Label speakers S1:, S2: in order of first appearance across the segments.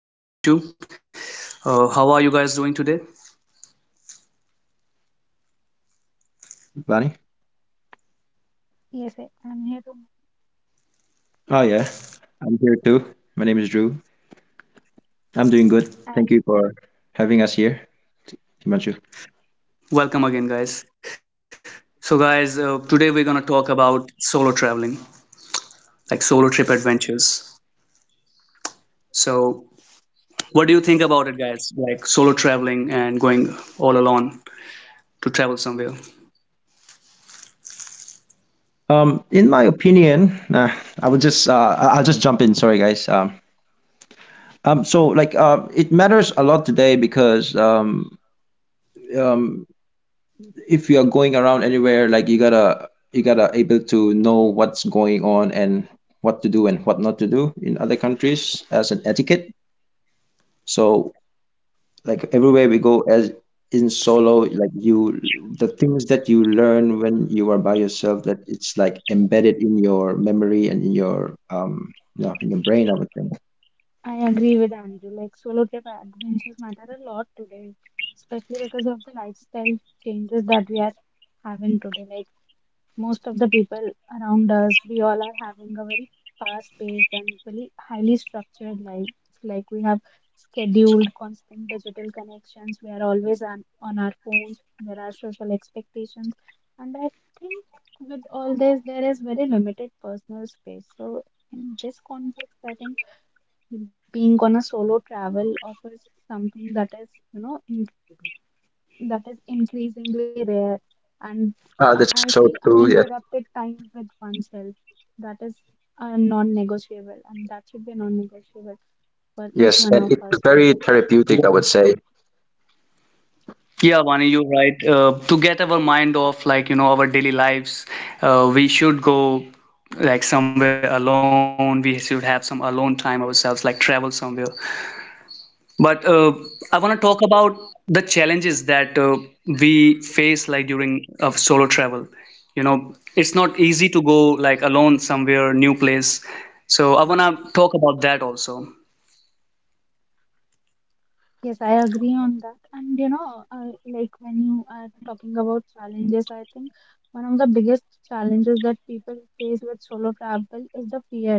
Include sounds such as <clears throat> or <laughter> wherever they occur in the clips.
S1: Myself, Himanshu. How are you guys doing today?
S2: Vani?
S3: Yes, I- I'm here to.
S2: Oh, yeah. I'm here too. My name is Drew. I'm doing good.
S3: I
S2: Thank you for having us here, Himanshu.
S1: Welcome again, guys. So, guys, today we're going to talk about solo traveling, like solo trip adventures. So, what do you think about it, guys? Like solo traveling and going all alone to travel somewhere?
S2: In my opinion, nah, I would just I'll just jump in. Sorry, guys. It matters a lot today because um, if you are going around anywhere, like you gotta able to know what's going on and what to do and what not to do in other countries as an etiquette. So like everywhere we go as in solo, like you, the things that you learn when you are by yourself, that it's like embedded in your memory and in your you know, in your brain, I would think.
S3: I agree with Andrew. Like solo trip adventures matter a lot today, especially because of the lifestyle changes that we are having today. Like most of the people around us, we all are having a very fast paced and really highly structured lives. Like we have scheduled constant digital connections, we are always on our phones, there are social expectations, and I think with all this, there is very limited personal space. So, in this context, I think being on a solo travel offers something that is, you know, that is increasingly rare and
S2: Ah,
S3: I
S2: that's so
S3: feel
S2: true. Yes,
S3: uninterrupted time with oneself that is a non-negotiable and that should be non-negotiable for each
S2: yes,
S3: one
S2: and
S3: of
S2: it's
S3: us with
S2: very
S3: this
S2: therapeutic,
S3: lifestyle.
S2: I would say.
S1: Yeah, Vani, you're right. To get our mind off, like, you know, our daily lives, we should go like somewhere alone. We should have some alone time ourselves, like travel somewhere. But I want to talk about the challenges that we face like during of solo travel. You know, it's not easy to go like alone somewhere, new place. So I want to talk about that also.
S3: Yes, I agree on that, and you know, like when you are talking about challenges, I think one of the biggest challenges that people face with solo travel is the fear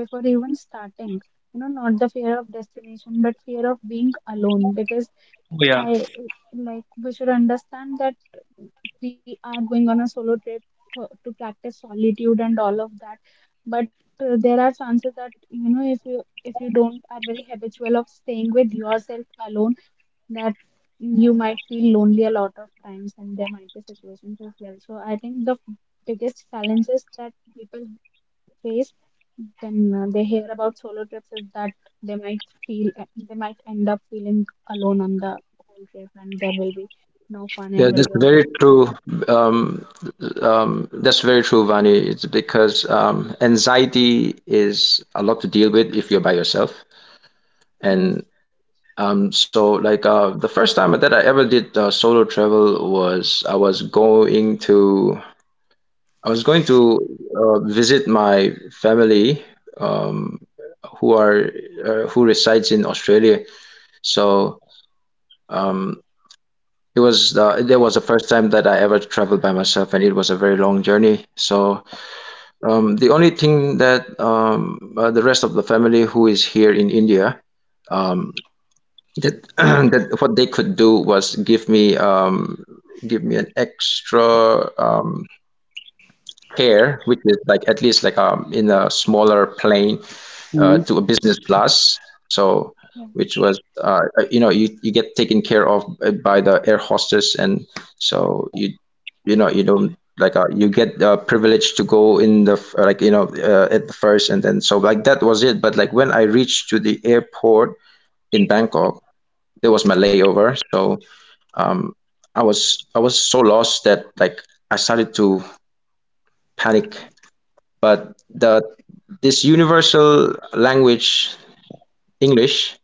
S3: before even starting, you know, not the fear of destination but fear of being alone. Because
S1: Oh,
S3: I
S1: yeah.
S3: Like we should understand that we are going on a solo trip for, to practice solitude and all of that. But there are chances that, you know, if you don't are very habitual of staying with yourself alone, that you might feel lonely a lot of times, and there might be situations as well. So I think the biggest challenge is that people face when they hear about solo trips is that they might feel, they might end up feeling alone on the whole trip, and there will be no fun,
S2: Yeah,
S3: it will
S2: that's
S3: be of
S2: very
S3: no use.
S2: true. Um, that's very true, Vani. It's because anxiety is a lot to deal with if you're by yourself,
S3: Yes.
S2: and. The first time that I ever did solo travel was I was going to visit my family, um, who are who resides in Australia. So, um, it was that was the first time that I ever traveled by myself, and it was a very long journey. So the only thing that the rest of the family who is here in India, that <clears throat> that what they could do was give me an extra um care, which is like at least like in a smaller plane
S1: Mhm.
S2: to a business class. So
S3: Yeah,
S2: which was you know, you get taken care of by the air hostess, and so you know, you don't like, you get privilege to go in the like, you know, at the first, and then so like that was it. But like when I reached to the airport in Bangkok, there was my layover, so I was so lost that like I started to panic. But the, this universal language, English,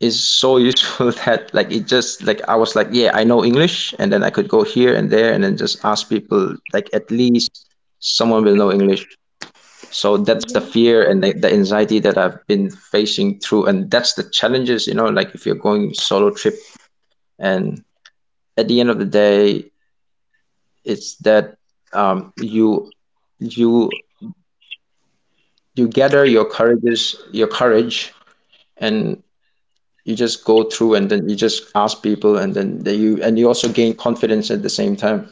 S2: is so useful <laughs> that like it just like I was like, yeah, I know English, and then I could go here and there and then just ask people, like at least someone will know English. So
S3: you
S2: that's the
S3: know.
S2: fear and the anxiety that I've been facing through, and that's the challenges, you know, like if you're going solo trip, and at the end of the day, it's that you, you you gather your courage, and you just go through and then you just ask people, and then they, you, and you also gain confidence at the same time.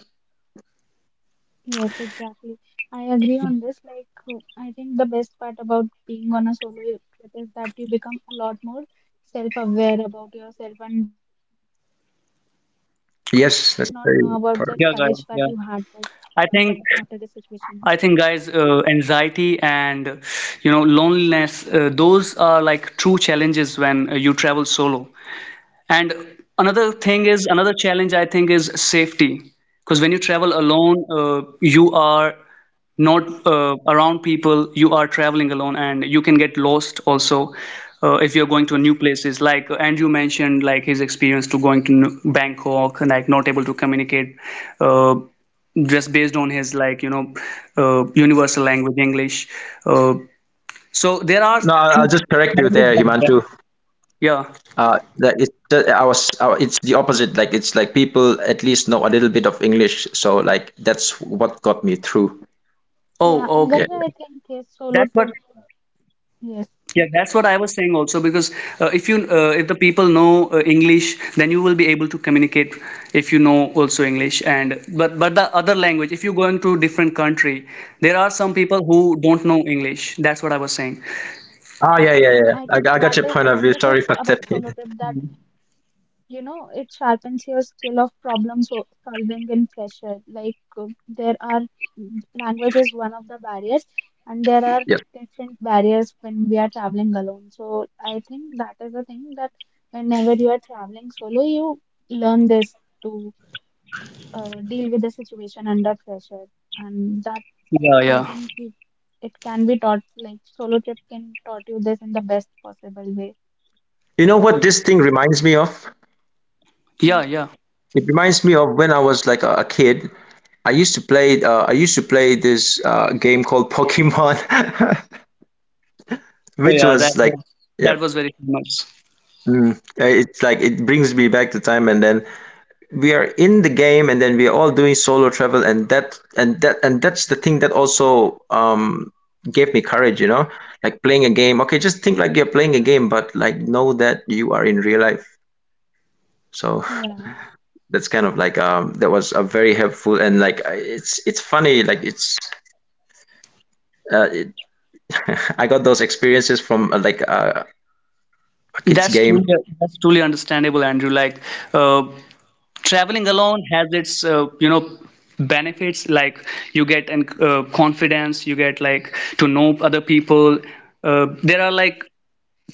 S3: Yes, exactly, I agree on this. Like I think the best part about being on a solo trip is that you become a lot more self aware about yourself, and you might not know about the courage
S2: Yes,
S3: that
S2: that's
S3: you
S2: very
S3: had, but
S2: important.
S1: Yeah, guys. Yeah.
S3: but after this
S1: I think
S3: situation.
S1: I think guys, anxiety and you know loneliness, those are like true challenges when you travel solo. And another thing is, another challenge I think is safety. Because when you travel alone, you are not around people, you are traveling alone, and you can get lost also if you're going to new places. Like Andrew mentioned, like his experience to going to Bangkok and like not able to communicate uh, just based on his like, you know, universal language, English. Uh, so there are
S2: No, I-
S1: few
S2: I'll just correct you
S1: challenges
S2: there,
S1: like that.
S2: Himanshu.
S1: Yeah.
S2: That it's I was, it's the opposite, like it's like people at least know a little bit of English, so like that's what got me through.
S3: Yeah,
S1: Oh,
S3: and
S1: okay.
S2: Yeah.
S3: guys, I think yes, solo
S1: That's what
S3: trip. Yes,
S1: Yeah, that's what I was saying also because uh, if you if the people know English, then you will be able to communicate if you know also English and but the other language, if you go into different country, there are some people who don't know English. That's what I was saying.
S3: I think that is this is
S2: I got your point
S3: about
S2: of view.
S3: solo
S2: Sorry
S3: trip,
S2: for
S3: that
S2: stepping in.
S3: you know it sharpens your skill of problem solving in pressure. Like uh, there are language is one of the barriers, and there are
S2: Yeah,
S3: different barriers when we are traveling alone. So I think that is the thing that whenever you are traveling solo, you learn this to deal with the situation under pressure, and that
S1: Yeah,
S3: I
S1: yeah.
S3: think you, it can be taught, like solo trip can taught you this in the best possible way.
S2: you know what this thing reminds me of?
S1: Yeah,
S3: Yes.
S1: yeah. So,
S2: It reminds me of when I was like a kid. I used to play. I used to play this game called Pokemon, <laughs> which
S1: yeah,
S2: was like, yeah,
S1: that was very famous.
S2: it's like it brings me back to time. And then we are in the game, and then we are all doing solo travel, and that's the thing that also gave me courage. You know, like playing a game. Okay, just think like you're playing a game, but like know that you are in real life. So
S3: Yeah,
S2: <laughs> that's kind of like that was a very helpful, and like, it's funny like it's uh, it, <laughs> I got those experiences from a kids
S1: That's
S2: game.
S1: truly understandable, Andrew. Like uh, traveling alone has its you know benefits like you get an confidence you get like to know other people there are like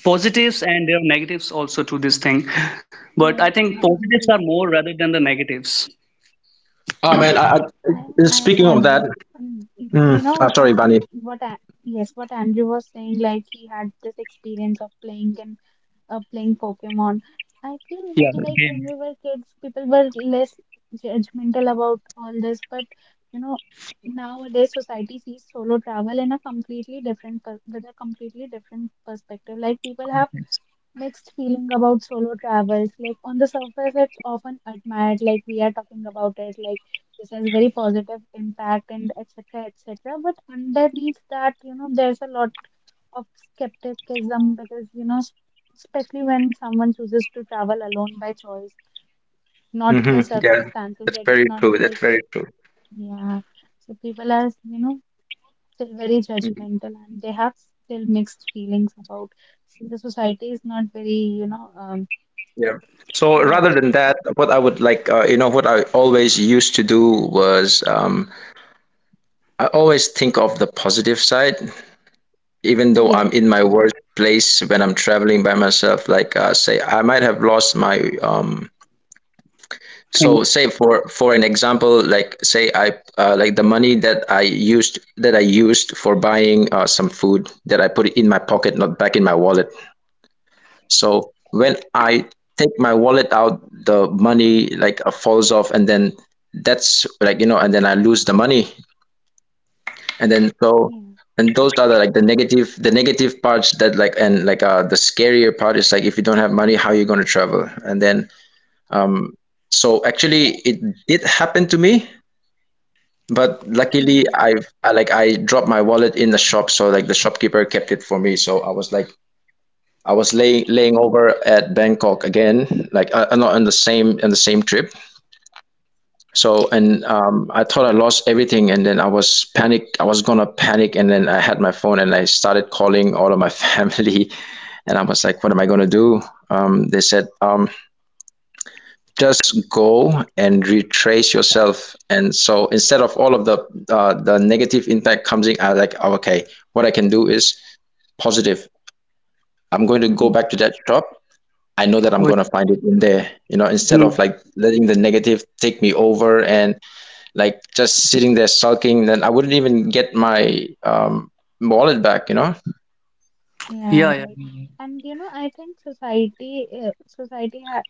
S1: positives and there are negatives also to this thing but I
S3: I
S1: think positives are
S3: agree.
S1: more rather than the negatives
S2: Oh man,
S3: <laughs> I,
S2: I,
S3: I
S2: speaking of
S3: agree.
S2: that,
S3: Um, you know,
S2: sorry, Bunny.
S3: what I, yes, what Andrew was saying, like he had this experience of playing in playing Pokemon. I feel
S1: yeah
S3: like when
S1: Again.
S3: we were kids, people were less judgmental about all this, but you know, nowadays society sees solo travel in a completely different per with a completely different perspective. Like people have
S1: Thanks.
S3: mixed feeling about solo travels. Like on the surface, it's often admired, like we are talking about it, like this has very positive impact and etc. etc. But underneath that, you know, there's a lot of skepticism because, you know, especially when someone chooses to travel alone by choice, not
S2: Hmm.
S3: by
S2: Yeah,
S3: circumstances.
S2: that's
S3: It's
S2: very
S3: not
S2: true. That's
S3: like,
S2: very true.
S3: yeah. So people are, you know, still very
S2: Mm.
S3: judgmental, and they have still mixed feelings about the society is not very, you know, um.
S2: Yeah. So
S3: uh.
S2: rather than that, what I would like, you know, what I always used to do was I always think of the positive side, even though I'm
S3: Yes,
S2: in my worst place when I'm traveling by myself, like say I might have lost my. So
S1: Thanks.
S2: say, for an example, like say I, like the money that I used for buying some food, that I put it in my pocket, not back in my wallet. So when I take my wallet out, the money like falls off, and then that's like, you know, and then I lose the money, and then
S3: yeah,
S2: so, and those are the like the negative parts that like, and like the scarier part is like, if you don't have money, how you going to travel? And then so actually it did happen to me, but
S3: yeah,
S2: luckily I've I like I dropped my wallet in the shop, so like the shopkeeper kept it for me. So I was like I was lay, laying over at Bangkok again, like not on the same trip. So, and I thought I lost everything, and then I was panic. I was gonna panic, and then I had my phone, and I started calling all of my <laughs> family, and I was like, "What am I gonna do?" They said, "Just go and retrace yourself." And so instead of all of the negative impact comes in, I like, oh, "Okay, what I can do is positive. I'm going to go
S3: yeah,
S2: back to that shop. I know that I'm
S1: Oh,
S2: gonna find it in there." You know, instead of
S1: mm.
S2: like letting the negative take me over and like just sitting there sulking, then I wouldn't even get my wallet back, you know.
S3: yeah,
S1: yeah yeah
S3: right. And you know, I think society, society has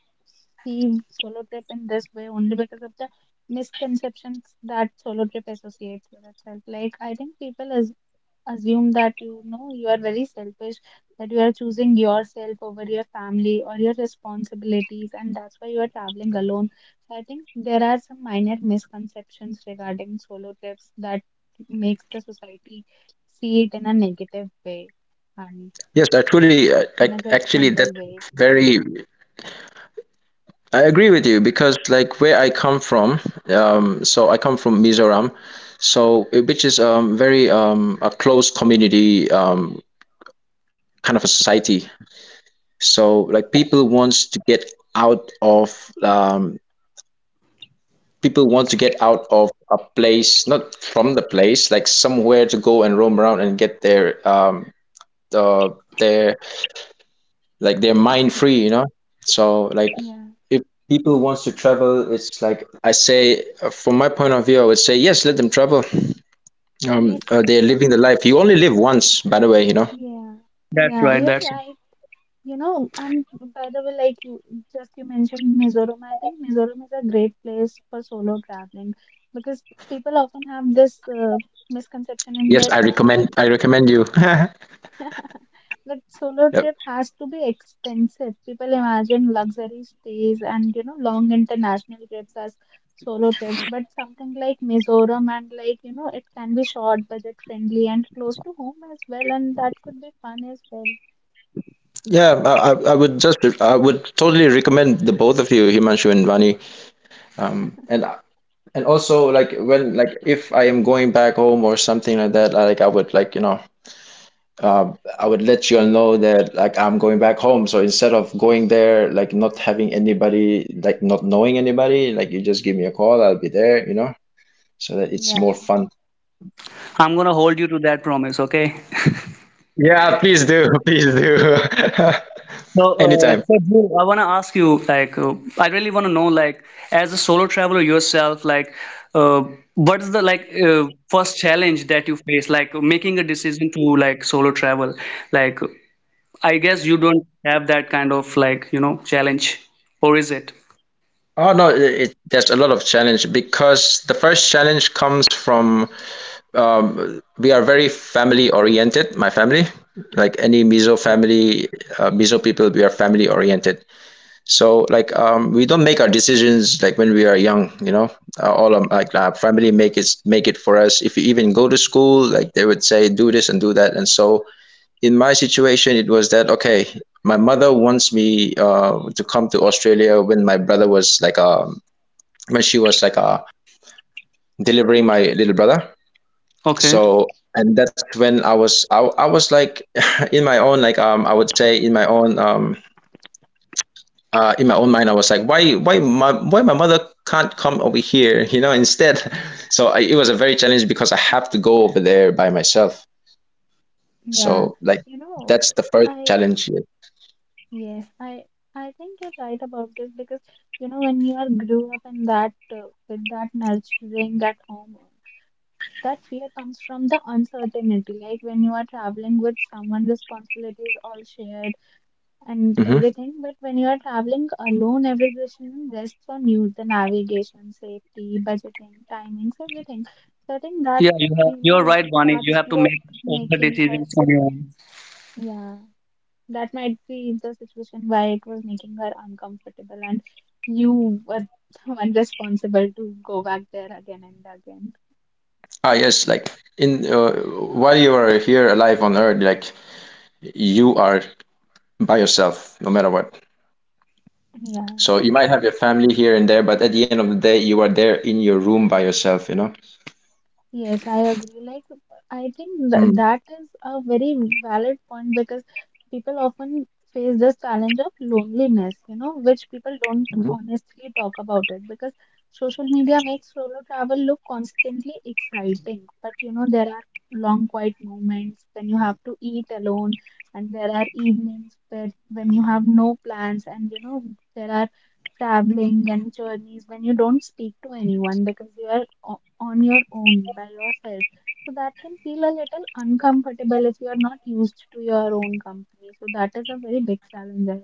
S3: seen solo trip in this way only because of the misconceptions that solo trip associates with itself. Like, I think people as assume that, you know, you are very selfish, that you are choosing yourself over your family or your responsibilities, and that's why you are traveling alone. So I think there are some minor misconceptions regarding solo trips that makes the society see it in a negative way and
S2: Yes, I truly
S3: in
S2: like
S3: a
S2: actually
S3: judgmental
S2: that's
S3: way.
S2: very, I agree with you, because like where I come from, so I come from Mizoram, so which is very a close community, kind of a society. So like people wants to get out of people want to get out of a place, not from the place, like somewhere to go and roam around and get their uh they're like they're mind free, you know. So like
S3: Yeah.
S2: if people wants to travel, it's like I say, from my point of view I would say yes, let them travel.
S3: Yes.
S2: They're living the
S3: y-
S2: life, you only live once, by the way, you know.
S3: Yeah. Yeah. You're
S1: that's right
S3: right. You know, and by the way, like you just you mentioned Mizoram, I think Mizoram is a great place for solo traveling because people often have this misconception in
S2: Yes,
S3: their
S2: I
S3: mind that
S2: recommend, I recommend you. <laughs>
S3: <laughs> that solo
S2: Yep.
S3: trip has to be expensive. People imagine luxury stays and, you know, long international trips as solo trips, but something like Mizoram and, like you know, it can be short, budget friendly, and close to home as well, and that could be fun as well.
S2: Yeah, I would just, I would totally recommend the both of you, Himanshu and Vani, um and and also like when like if I am going back home or something like that, like I would like, you know, I would let you all know that like I'm going back home. So instead of going there, like not having anybody, like not knowing anybody, like you just give me a call, I'll be there, you know, so that it's
S3: Yeah,
S2: more fun.
S1: I'm gonna hold you to that promise okay
S2: Yeah, please do, <laughs> please do.
S1: So,
S2: <laughs>
S1: uh,
S2: Anytime.
S1: so Dhruv, I want to ask you, like, I really want to know, like, as a solo traveler yourself, like, uh, what is the like first challenge that you face, like making a decision to like solo travel? Like, I guess you don't have that kind of like, you know, challenge, or is it?
S2: Oh no, it, there's a lot of challenge, because the first challenge comes from, we are very family oriented, my family. Like any Mizo family, Mizo people, we are family oriented. So like we don't make our decisions like when we are young, you know. All of, like our family make it for us. If you even go to school, like they would say, do this and do that. And so in my situation, it was that okay. My mother wants me to come to Australia when my brother was like when she was like delivering my little brother.
S1: Okay.
S2: So and that's when I was like <laughs> in my own like I would say in my own mind, I was like, why my mother can't come over here, <laughs> you know, instead. <laughs> So I, it was a very challenge because I have to go over there by myself.
S3: yeah.
S2: So like,
S3: You know,
S2: that's the first
S3: I
S2: challenge here.
S3: Yes, I think you're right about this because you know when you are grew up in that with that nurturing, that home, that fear comes from the uncertainty. Like when you are traveling with someone, responsibility is all shared and
S2: Hmm.
S3: everything, but when you are traveling alone, every decision rests on you: the navigation, safety, budgeting, timings, everything. So I think that,
S1: Yeah, you have,
S3: you
S1: you're
S3: know,
S1: right, Vani. You
S3: that's
S1: have to
S3: what
S1: make all the
S3: making her,
S1: decisions on your own.
S3: yeah, that might be the situation why it was making her uncomfortable, and you were the one responsible to go back there again and again.
S2: Ah, yes, like in while you are here alive on Earth, like you are by yourself, no matter what.
S3: Yeah.
S2: So you might have your family here and there, but at the end of the day, you are there in your room by yourself, you know.
S3: Yes, I agree. Like, I think th that is a very valid point because people often face this challenge of loneliness, you know, which people don't
S2: Mm-hmm.
S3: honestly talk about, it because social media makes solo travel look constantly exciting. But, you know, there are long quiet moments when you have to eat alone, and there are evenings where when you have no plans, and, you know, there are traveling and journeys when you don't speak to anyone because you are on your own by yourself. So that can feel a little uncomfortable if you are not used to your own company. So that is a very big challenge I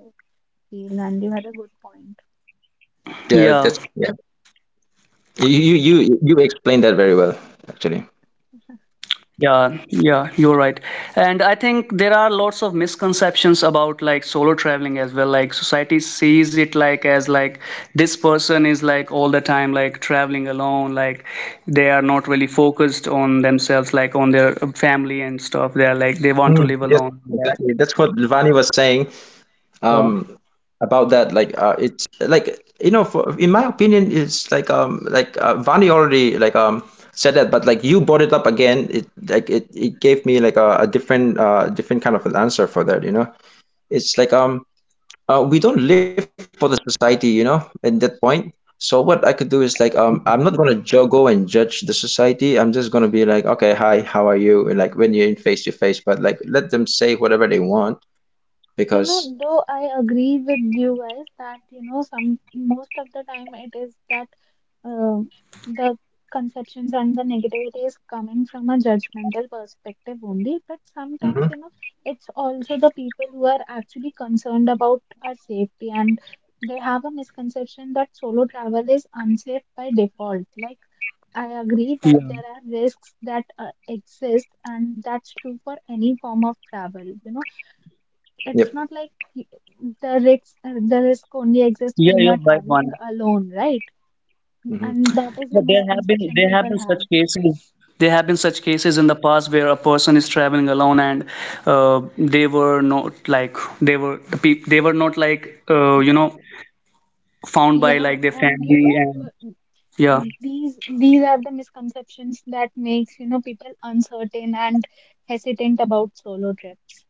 S3: feel, and you had a good point.
S2: Yeah,
S1: Yeah.
S2: that's yeah. You you you you explained that very well, actually.
S1: Yeah, yeah, you're right. And I think there are lots of misconceptions about like solo traveling as well. Like society sees it like as like this person is like all the time like traveling alone, like they are not really focused on themselves, like on their family and stuff. They are like they want to
S2: Mm,
S1: live
S2: yes,
S1: alone. That,
S2: exactly. That's what Lvani was saying,
S1: yeah.
S2: um, about that. Like, it's like, you know, for, in my opinion, it's like Vani already like said that, but like you brought it up again. It like it gave me like a different different kind of an answer for that. You know, it's like We don't live for the society, you know, at that point. So what I could do is like, I'm not gonna ju go and judge the society. I'm just gonna be like, okay, hi, how are you? And like when you're in face to face, but like let them say whatever they want
S3: You know,
S2: because,
S3: though I agree with you guys that, you know, some most of the time it is that uh, the conceptions and the negativity is coming from a judgmental perspective only, but sometimes,
S2: hmm
S3: you know, it's also the people who are actually concerned about our safety, and they have a misconception that solo travel is unsafe by default. Like, I agree
S1: Yeah,
S3: that there are risks that exist, and that's true for any form of travel, you know, it's
S2: Yep.
S3: not like y- the risk only exists
S1: yeah,
S3: when you are
S1: you're right, man.
S3: traveling alone, right?
S2: Hmm.
S3: And that is
S1: Yeah,
S3: a
S1: there have been
S3: misconception people
S1: such
S3: have.
S1: cases. There have been such cases in the past where a person is traveling alone and they were not like they were they were not like you know found by
S3: Yeah,
S1: like their
S3: and you
S1: family
S3: know
S1: and
S3: uh,
S1: yeah.
S3: these are the misconceptions that makes, you know, people uncertain and hesitant about solo trips.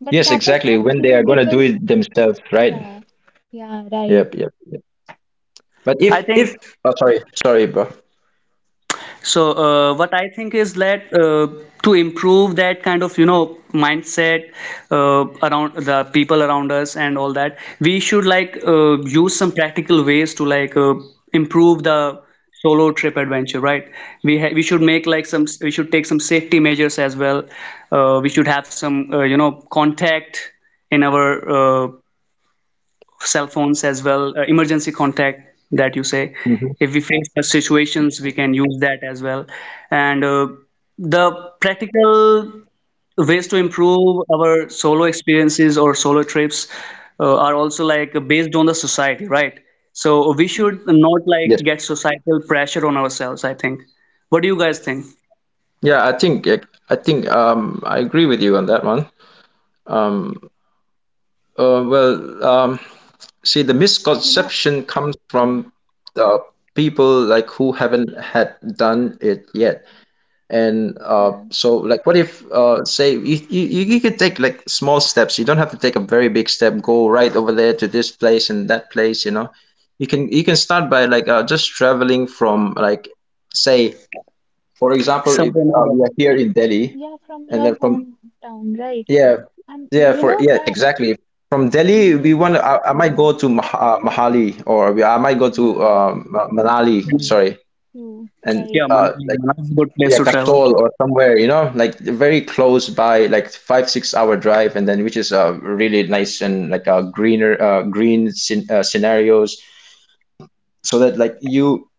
S3: But
S2: Yes,
S3: that is
S2: exactly.
S3: not
S2: When they
S3: true
S2: are gonna do
S3: because
S2: it themselves, right?
S3: yeah, yeah,
S2: Yep,
S3: right.
S2: yep, yep. But
S1: I
S2: if
S1: think
S2: oh, sorry, sorry, bro.
S1: So, what I think is that to improve that kind of, you know, mindset around the people around us and all that, we should like use some practical ways to like improve the solo trip adventure, right? We should make like some we should take some safety measures as well. We should have some you know contact in our uh, cell phones as well, emergency contact that you say.
S2: Mhm.
S1: If we face such situations, we can use that as well. And the practical ways to improve our solo experiences or solo trips are also like based on the society, right? So we
S3: Yeah.
S1: should not
S2: Yes.
S1: like get societal pressure on ourselves, I think. What do you guys think?
S2: Yeah, I think I agree with you on that one. Um. Uh, well. Um. See, the
S3: You know,
S2: misconception comes
S3: yeah,
S2: from the people like who haven't had done it yet. And
S3: true.
S2: so, like, what if, say, you could take like small steps. You don't have to take a very big step. Go right over there to this place and that place. You know, you can start by like just traveling from like, say, for example, if
S1: Somewhere nearby.
S2: we are here in Delhi,
S3: Yeah, from
S2: and
S3: your
S2: then from
S3: hometown, right?
S2: yeah,
S3: And
S2: yeah,
S3: you
S2: for
S3: know
S2: yeah,
S3: that,
S2: exactly. From Delhi,
S3: you
S2: we
S3: know,
S2: want. I might
S3: yeah.
S2: go to Mahali, or I might go to
S3: Yeah,
S2: Manali.
S3: true,
S2: Sorry,
S3: true,
S2: and
S3: right,
S1: Yeah,
S3: right.
S1: Manali.
S2: like
S1: Manali is a good place
S2: yeah,
S1: to travel.
S2: Kasol or somewhere. You know, like very close by, like 5 6 hour drive, and then which is really nice and like green scen scenarios, so that like you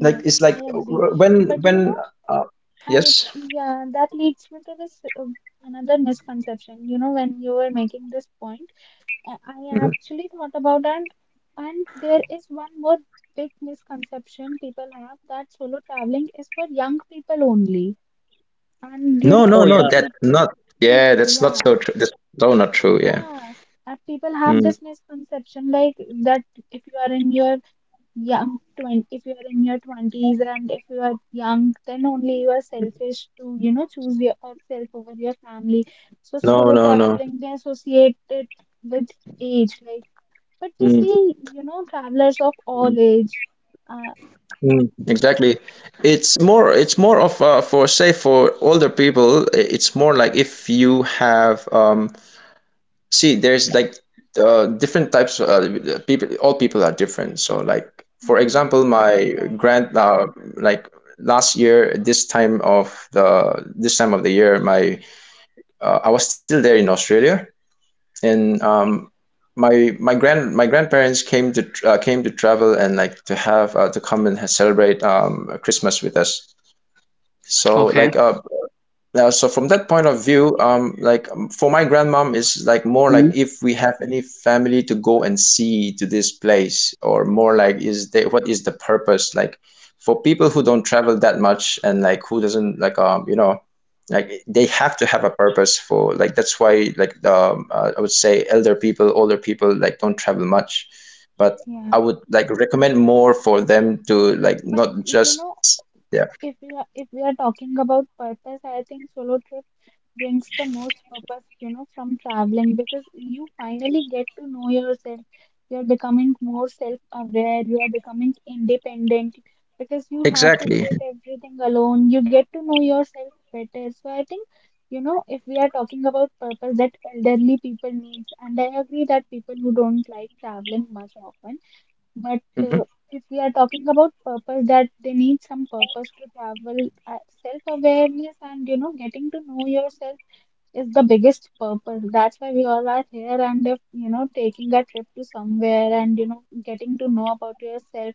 S2: like it's
S3: I
S2: like
S3: agree. But you
S2: when
S3: know,
S2: uh,
S3: I
S2: yes.
S3: yeah, that leads me to this another misconception. You know, when you were making this point, I
S2: Mhm.
S3: actually thought about and there is one more big misconception people have, that solo traveling is for young people only. And you
S2: No,
S3: know,
S2: no,
S1: Oh
S2: no.
S3: when
S1: yeah.
S2: That's
S3: people
S2: not. Yeah, that's not
S3: yeah,
S2: so true. That's so not true. Yeah.
S3: yeah, and people have
S2: Mm.
S3: this misconception like that if you are in your young 20 if you are in your 20s and if you are young then only you are selfish to, you know, choose yourself over your family. So
S2: No,
S3: solo
S2: no, no.
S3: traveling they associate it with age. Like but we
S2: Mm,
S3: see, you know, travelers of all
S2: mm,
S3: age uh
S2: mm. Exactly. It's more. It's more of for say for older people. It's more like if you have See, there's like different types. People. All people are different. So like for
S3: yeah,
S2: example, my
S3: right,
S2: grand. Like last year, this time of the year, my I was still there in Australia, and My grandparents came to came to travel and like to have to come and celebrate Christmas with us. So
S1: Okay.
S2: like now, so from that point of view, like for my grandmom is like more like if we have any family to go and see to this place, or more like is there what is the purpose? Like for people who don't travel that much and like who doesn't like you know like they have to have a purpose for like that's why like the I would say elder people, older people like don't travel much, but
S3: yeah.
S2: I would like recommend more for them to like
S3: But
S2: not
S3: you
S2: just
S3: know,
S2: yeah
S3: if you are if we are talking about purpose, I think solo brings the most purpose, you know, from traveling because you finally get to know yourself. You're becoming more self-aware, you are becoming independent because you have to do
S2: exactly
S3: it everything alone. You get to know yourself better. So I think, you know, if we are talking about purpose that elderly people needs, and I agree that people who don't like traveling much often, but
S2: hmm
S3: uh, if we are talking about purpose that they need some purpose to travel, self awareness and, you know, getting to know yourself is the biggest purpose. That's why we all are here. And if you know, taking a trip to somewhere and, you know, getting to know about yourself,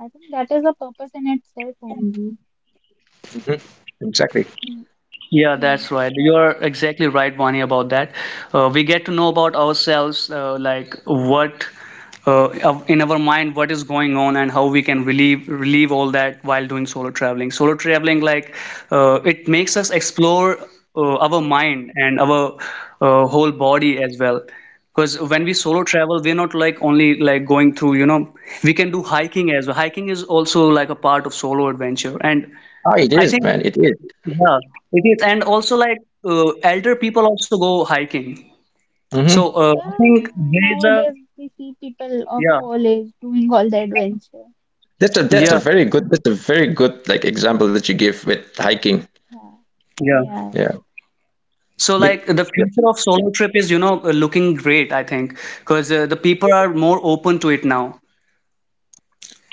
S3: I think that is a purpose in itself only.
S2: hmm exactly.
S3: Mm,
S1: Yeah, that's
S3: mm.
S1: right. You're exactly right, Vani, about that. We get to know about ourselves, like what in our mind, what is going on, and how we can relieve all that while doing solo traveling. Solo traveling, like it makes us explore our mind and our whole body as well. Because when we solo travel, we're not like only like going through, you know, we can do hiking as well. Hiking is also like a part of solo adventure, and
S2: Oh, it
S1: I
S2: is,
S1: think.
S2: man. It is.
S1: Yeah, it is, and also like elder people also go hiking. So
S2: Mm-hmm.
S3: Yeah,
S1: I think
S3: yeah.
S1: there is a
S3: Nowadays we see people of
S1: yeah,
S3: all age doing all the adventure.
S2: That's a that's
S1: yeah,
S2: a very good that's a very good like example that you give with hiking.
S3: Yeah,
S1: yeah.
S3: yeah,
S2: Yeah.
S3: right.
S1: So like
S2: Big,
S1: the future of solo trip is, you know, looking great, I think, because the people are more open to it now.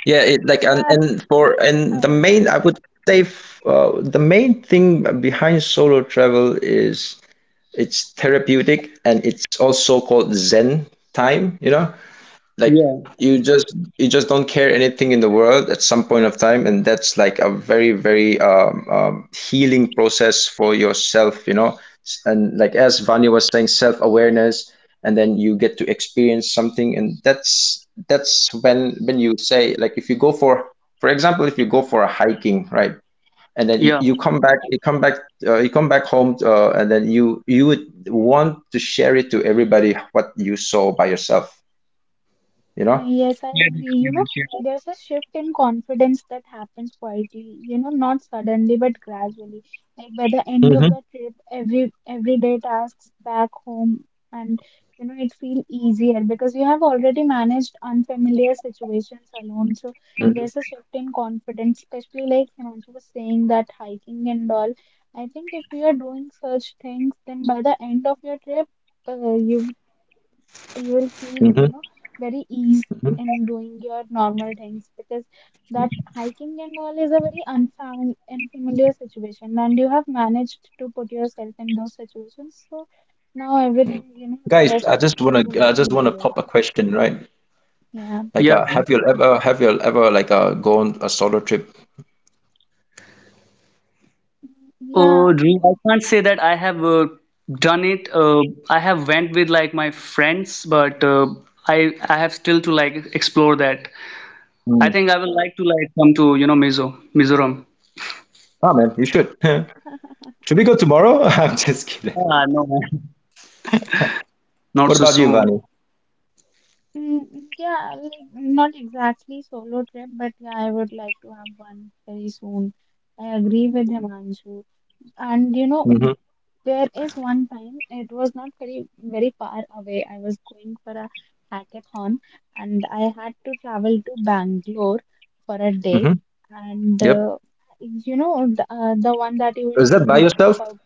S2: yeah. It, like
S3: Yeah,
S2: and for
S3: I
S2: and the main
S3: agree.
S2: I would say f- The main thing behind solo travel is it's therapeutic and it's also called Zen time. You know, like
S1: Yeah,
S2: you just don't care anything in the world at some point of time, and that's like a very very healing process for yourself, you know. And like as Vanya was saying, self-awareness, and then you get to experience something, and that's when you say like if you go for example if you go for a hiking, right? And then
S1: yeah.
S2: you come back, you come back home, and then you would want to share it to everybody what you saw by yourself, you know?
S3: Yes, I
S1: Yeah, the
S3: agree. You know,
S1: experience, yeah.
S3: there's a shift in confidence that happens quietly, you know, not suddenly but gradually. Like by the end of the trip, everyday tasks back home and, you know, it feel easier because you have already managed unfamiliar situations alone. So
S2: Mhm,
S3: there's a shift in confidence, especially like Himanshu was saying that hiking and all. I think if you are doing such things, then by the end of your trip, you you will feel
S2: mhm,
S3: very ease
S2: mhm.
S3: in doing your normal things because that hiking and all is a very unfamiliar situation and you have managed to put yourself in those situations, so now everything, you know, the
S2: Guys,
S3: rest
S2: I
S3: of the
S2: just
S3: things
S2: wanna
S3: will
S2: I
S3: be
S2: just wanna
S3: easier.
S2: pop a question, right?
S3: Yeah.
S2: Like,
S1: Yeah,
S2: have you ever like gone a solo trip?
S3: Mm, yeah.
S1: Drew, I can't say that I have done it. I have went with like my friends, but I I have still to like explore that. I
S2: Hmm.
S1: think I will like to like come to you know Mizo, Mizoram.
S2: Ah, man, you should. <laughs> Should we go tomorrow? <laughs> I'm just kidding.
S1: Ah, no, man. Not
S2: What
S1: so
S2: about you,
S1: soon.
S2: Vani?
S3: Mm, yeah, like not exactly solo trip, but yeah, I would like to have one very soon. I agree with Himanshu. And you know,
S2: Mm-hmm.
S3: there is one time, it was not very far away. I was going for a hackathon and I had to travel to Bangalore for a day.
S2: Mm-hmm.
S3: And
S2: Yep.
S3: you know the one that you were
S2: Is that by
S3: saying
S2: yourself?
S3: about,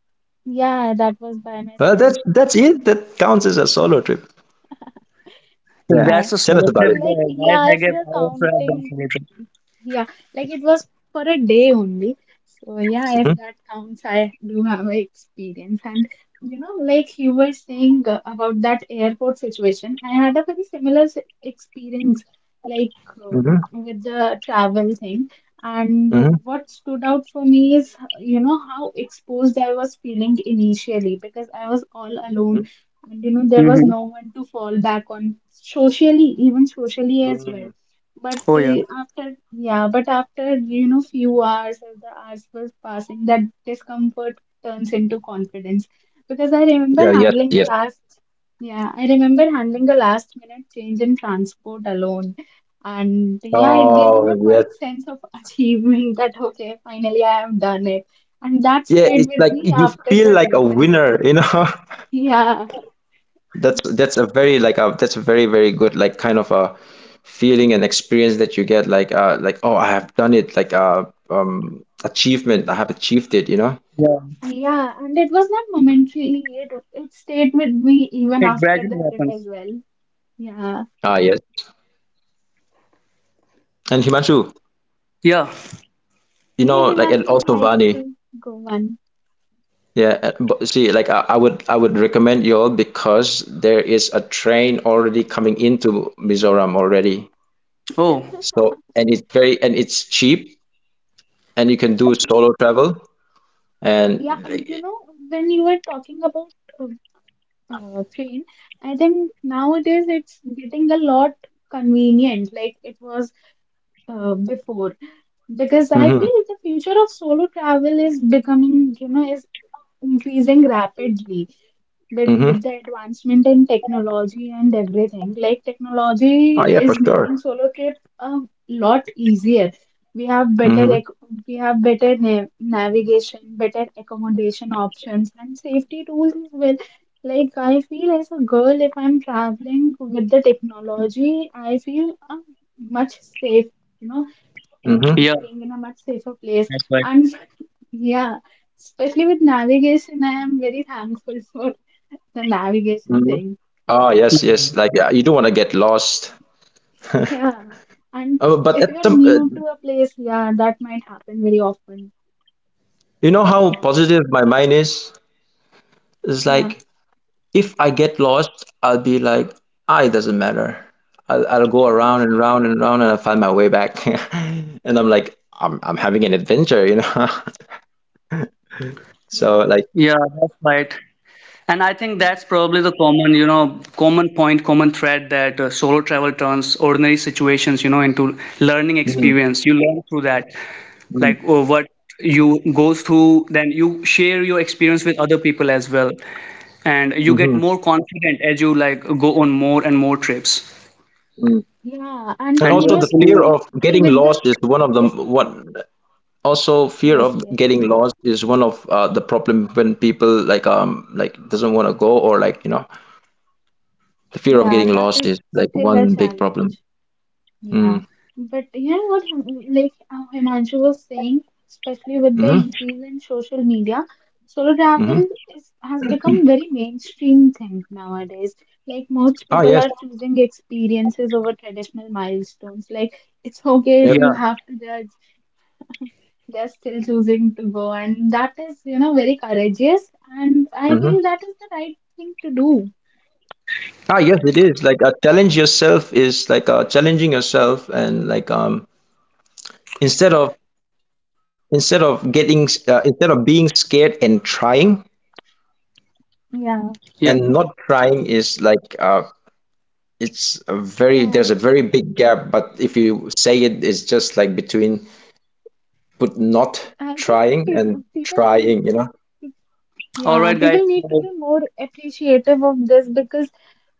S3: yeah, that was by
S2: Well,
S3: myself.
S2: that's it. That counts as a solo trip.
S1: If
S2: Yeah.
S3: Yeah.
S1: that's a
S2: Tell us
S1: solo
S2: about
S1: trip,
S2: it.
S3: Like,
S1: guys.
S3: yeah,
S1: I
S3: if
S1: guess
S3: you're
S1: I also have done
S3: counting,
S1: solo trip.
S3: yeah, like it was for a day only. So, yeah, if
S2: Mm-hmm.
S3: that counts, I do have an experience. And, you know, like you were saying about that airport situation, I had a very similar experience, like,
S2: Mm-hmm.
S3: with the travel thing. And
S2: Mm-hmm.
S3: what stood out for me is, you know, how exposed I was feeling initially because I was all alone, and you know there was
S1: Mm-hmm.
S3: no one to fall back on socially, even socially as well.
S2: Mm-hmm.
S3: But
S1: Oh yeah,
S3: after yeah but after, you know, few hours, as the hours was passing, that discomfort turns into confidence because I remember
S2: Yeah. Yes.
S3: handling the
S2: Yes.
S3: last yeah, I remember handling the last minute change in transport alone, and yeah, it gave me
S2: Oh,
S3: a
S2: yes.
S3: quite sense of <laughs> achievement that okay, finally I have done it, and that
S2: Yeah.
S3: stayed
S2: It's
S3: with
S2: like
S3: me
S2: you
S3: after
S2: feel
S3: the
S2: like a
S3: trip as
S2: winner,
S3: well.
S2: you know. <laughs>
S3: <laughs> Yeah.
S2: That's a very very good like kind of a feeling and experience that you get like oh I have done it like achievement I have achieved it you know
S1: yeah.
S3: Yeah, and it was not momentarily. It stayed with me even
S1: It
S3: after
S1: gradually
S3: the trip as
S1: happens.
S3: well. Yeah. <laughs>
S2: ah yes and Himanshu
S1: Yeah.
S2: you
S3: Hey,
S2: know like and
S3: Himanshu would
S2: also
S3: like
S2: Vani
S3: to go one.
S2: yeah but see like I would recommend you all because there is a train already coming into Mizoram already
S1: Oh,
S3: <laughs>
S2: so and it's very and it's cheap and you can do solo travel
S3: Yeah,
S2: and
S3: you
S2: like,
S3: know, when you were talking about uh, train, I think nowadays it's getting a lot convenient like it was before, because I
S2: mm-hmm,
S3: feel the future of solo travel is becoming, you know, is increasing rapidly. But
S2: mm-hmm,
S3: with the advancement in technology and everything, like
S2: oh
S3: technology
S2: yeah for
S3: is making
S2: sure,
S3: solo trip a lot easier. We have
S2: mm-hmm,
S3: we have navigation, better accommodation options, and safety tools as well. Like I feel as a girl, if I'm traveling with the technology, I feel much safe. You know, uh,
S2: mm-hmm.
S1: yeah.
S3: being in a much safer place.
S1: That's right.
S3: And yeah, especially with navigation, I am very thankful <laughs> for the navigation
S2: Mhm.
S3: thing.
S2: Oh, yes, yes. Like, yeah, you don't want to get lost. <laughs>
S3: Yeah. And
S2: Oh, but
S3: if
S2: at
S3: you're
S2: some,
S3: new to a place, yeah, that might happen very often.
S2: you know how positive my mind is? It's
S3: Yeah,
S2: like, if I get lost, I'll be like, ah, it doesn't matter. I'll go around and round and round and I'll find my way back. <laughs> And I'm like, I'm having an adventure, you know? <laughs> So,
S3: yeah,
S2: like,
S1: Yeah, that's right. And I think that's probably the common, you know, common point, common thread that solo travel turns ordinary situations, you know, into learning
S2: mm,
S1: experience. You learn through that.
S2: mm,
S1: Like what you goes through then you share your experience with other people as well and you
S3: yeah,
S1: get
S2: mhm,
S1: more confident as you like go on more and more trips
S2: mm.
S3: yeah. And
S2: And
S1: and you
S3: you
S2: also
S3: know,
S2: the
S1: actually
S2: fear
S3: especially
S2: of
S3: with the
S2: getting lost is
S3: is.
S2: one of the, what. Also,
S3: Yes,
S2: fear
S3: yes,
S2: of getting lost is one of the problem when people like doesn't want to go or like you know the fear of
S3: yeah,
S2: getting
S3: that
S2: lost
S3: is
S2: is like
S3: still a
S2: one big
S3: challenge.
S2: problem.
S3: Yeah,
S2: Mm.
S3: but you know what, Himanshu was saying, especially with the
S2: Mm-hmm.
S3: increase in social media, solo travel
S2: Mm-hmm.
S3: is has become very mainstream thing nowadays. Like most
S2: Ah
S3: people
S2: yes.
S3: are choosing experiences over traditional milestones. Like it's okay if you
S1: yeah
S2: Yep.
S3: have to judge, they're still choosing to go, and that is, you know, very courageous, and I
S2: Mm-hmm.
S3: feel that is the right thing to do.
S2: Ah yes, it is like challenging yourself and like instead of instead of instead of being scared and trying
S3: Yeah.
S1: yeah
S2: and not trying is like it's a very
S3: Yeah,
S2: there's a very big gap but if you say it it's just like between but not
S3: I think
S2: trying
S3: peop
S2: and
S3: people need.
S2: trying, you know?
S1: all
S3: Yeah,
S1: right guys
S3: people need to
S1: so,
S3: be more appreciative of this because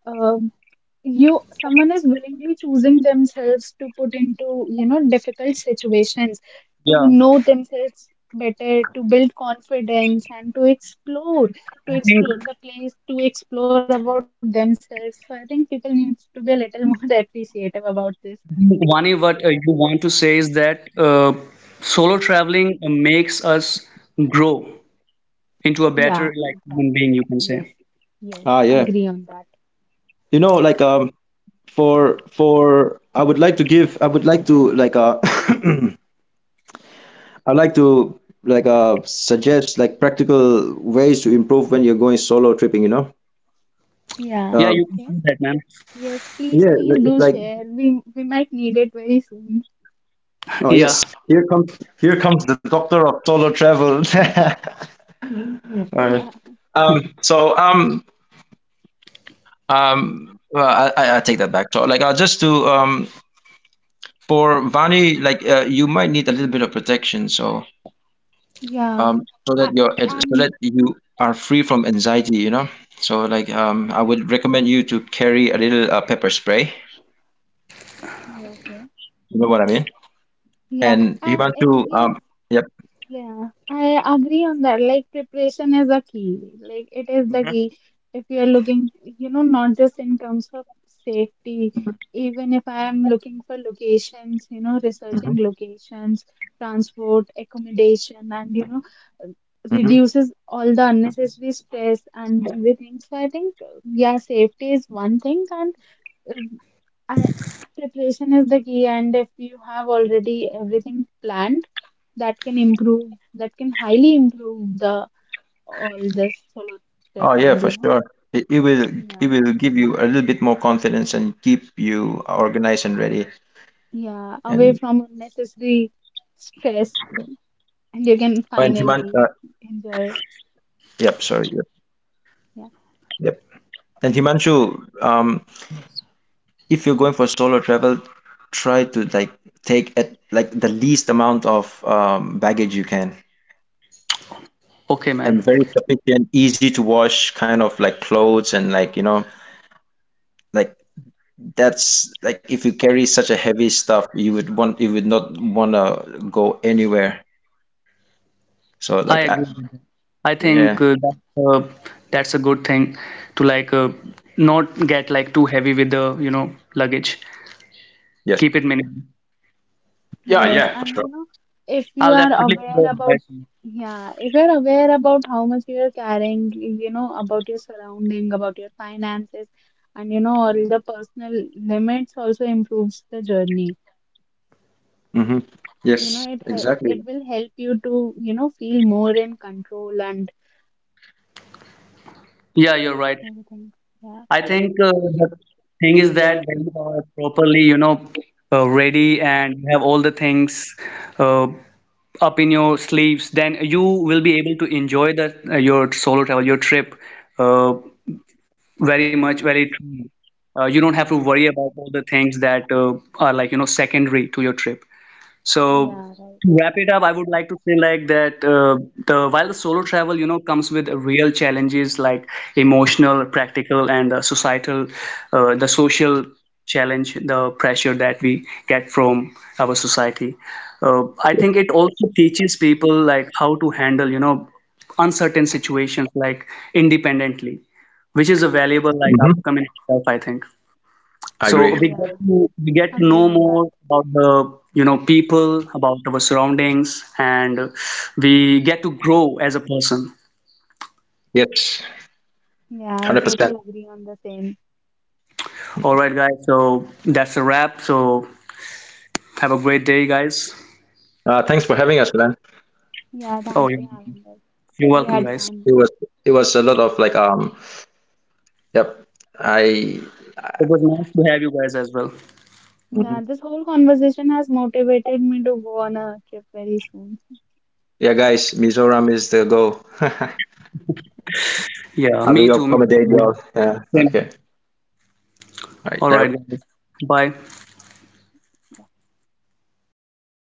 S3: um you, someone is willingly choosing themselves to put into, you know, difficult situations, to
S1: yeah
S3: know themselves better, to build confidence and
S1: I
S3: to
S1: think
S3: explore the place, to explore about themselves. So I think people need to be a little more <laughs> appreciative about this.
S1: Vani, what you want to say is that solo traveling makes us grow into a
S3: Yeah,
S1: better like
S3: exactly.
S1: human being you can
S3: Yes,
S1: say
S3: yes,
S2: Ah, yeah.
S3: agree on that.
S2: You know, like for I would like to like <coughs> <clears throat> I'd like to like suggest like practical ways to improve when you're going solo tripping, you know?
S3: Yeah,
S1: yeah
S2: Uh,
S1: you can
S3: okay.
S1: say that man
S3: Yes, please,
S2: yeah,
S3: please do
S2: like
S3: share. We might need it very soon. <laughs>
S1: <laughs>
S2: oh
S1: yeah
S2: yes, here comes the doctor of solo travel. <laughs> All
S3: Yeah,
S2: right. Um, so um I take that back. So like just to for Vani, like you might need a little bit of protection, so
S3: yeah. I, I-
S2: so
S3: I'm
S2: that you are free from anxiety, you know. So like
S3: yeah,
S2: I would recommend you to carry a little pepper spray.
S3: yeah, okay.
S2: You know what I mean?
S3: Yeah,
S2: And you want
S3: I
S2: to
S3: yes.
S2: um, yep.
S3: Yeah, I agree on that. Like preparation is a key. Like it is the key. If you're looking, you know, not just in terms of safety,
S2: Mhm.
S3: even if I am looking for locations, you know,
S2: Hmm.
S3: researching locations, transport, accommodation, and you know,
S2: Hmm.
S3: reduces all the unnecessary stress and everything. So I think, yeah, safety is one thing, and, um, I, preparation is the key, and if you have already everything planned, that can improve, that can highly improve the all this solo trip
S2: Oh yeah,
S3: and
S2: for
S3: you
S2: sure. It, it will it
S3: know,
S2: will give you a little bit more confidence and keep you organized and ready.
S3: yeah, yeah, away
S2: And
S3: from unnecessary stress, and you can
S2: and Himan,
S3: finally
S2: uh,
S3: enjoy.
S2: yep, sorry, yep, yep. And Himanshu, um, if you're going for solo travel, try to like take at like the least amount of baggage you can,
S1: okay man
S2: and very sufficient, easy to wash kind of like clothes and like you know like that's like if you carry such a heavy stuff, you would not want to go anywhere. So
S1: I
S2: like
S1: agree with that. I think
S2: yeah,
S1: that's a good thing to like not get like too heavy with the you know luggage.
S2: yes,
S1: Keep it minimal.
S2: yeah,
S3: Yes,
S2: yeah, for
S3: and you
S2: sure.
S3: know, if you
S1: I'll
S3: are
S1: definitely
S3: aware
S1: follow your
S3: about,
S1: advice.
S3: yeah, if you're aware about how much you're carrying, you know, about your surrounding, about your finances, and you know, all the personal limits also improves the journey.
S2: Mm-hmm.
S3: You
S2: Yes,
S3: know,
S2: exactly,
S3: it will help you to, you know, feel more in control and
S1: Yeah, you're right.
S3: everything. Yeah,
S1: I think the thing is that when you are properly you know ready and you have all the things uh, up in your sleeves, then you will be able to enjoy the your solo travel, your trip. Uh, Very much, very true. You don't have to worry about all the things that are like, you know, secondary to your trip. So
S3: yeah, right.
S1: to wrap it up, I would like to say like that the while the solo travel, you know, comes with real challenges like emotional, practical, and the societal, the social challenge, the pressure that we get from our society. I think it also teaches people like how to handle, you know, uncertain situations like independently, which is a valuable like outcome in itself, I think. So
S3: Yeah,
S1: we get to
S3: agree
S1: know
S3: on
S1: more
S3: that.
S1: about the you know people, about our surroundings, and we get to grow as a person.
S2: yes, one
S3: Yeah, I
S2: hundred
S3: totally
S2: percent.
S3: agree on the same.
S1: All right, guys. So that's a wrap. So have a great day, guys.
S2: Thanks for having us, man.
S3: Yeah,
S1: Oh,
S3: thanks
S1: you're
S3: for
S1: welcome,
S3: having us.
S1: You're
S3: We
S1: welcome,
S3: had
S2: Mm.
S1: guys.
S3: fun.
S2: It was it was a lot of like yep. I
S1: It was nice to have you guys as well.
S2: hmm
S3: Yeah, this whole conversation has motivated me to go on a trip very soon.
S2: Yeah, guys, Mizoram is the goal. <laughs> I
S1: Yeah, me
S2: will
S1: too. Me
S2: accommodate
S1: too.
S2: y'all. Yeah. Okay.
S1: Same.
S2: All
S1: All right,
S2: right.
S1: guys. Bye.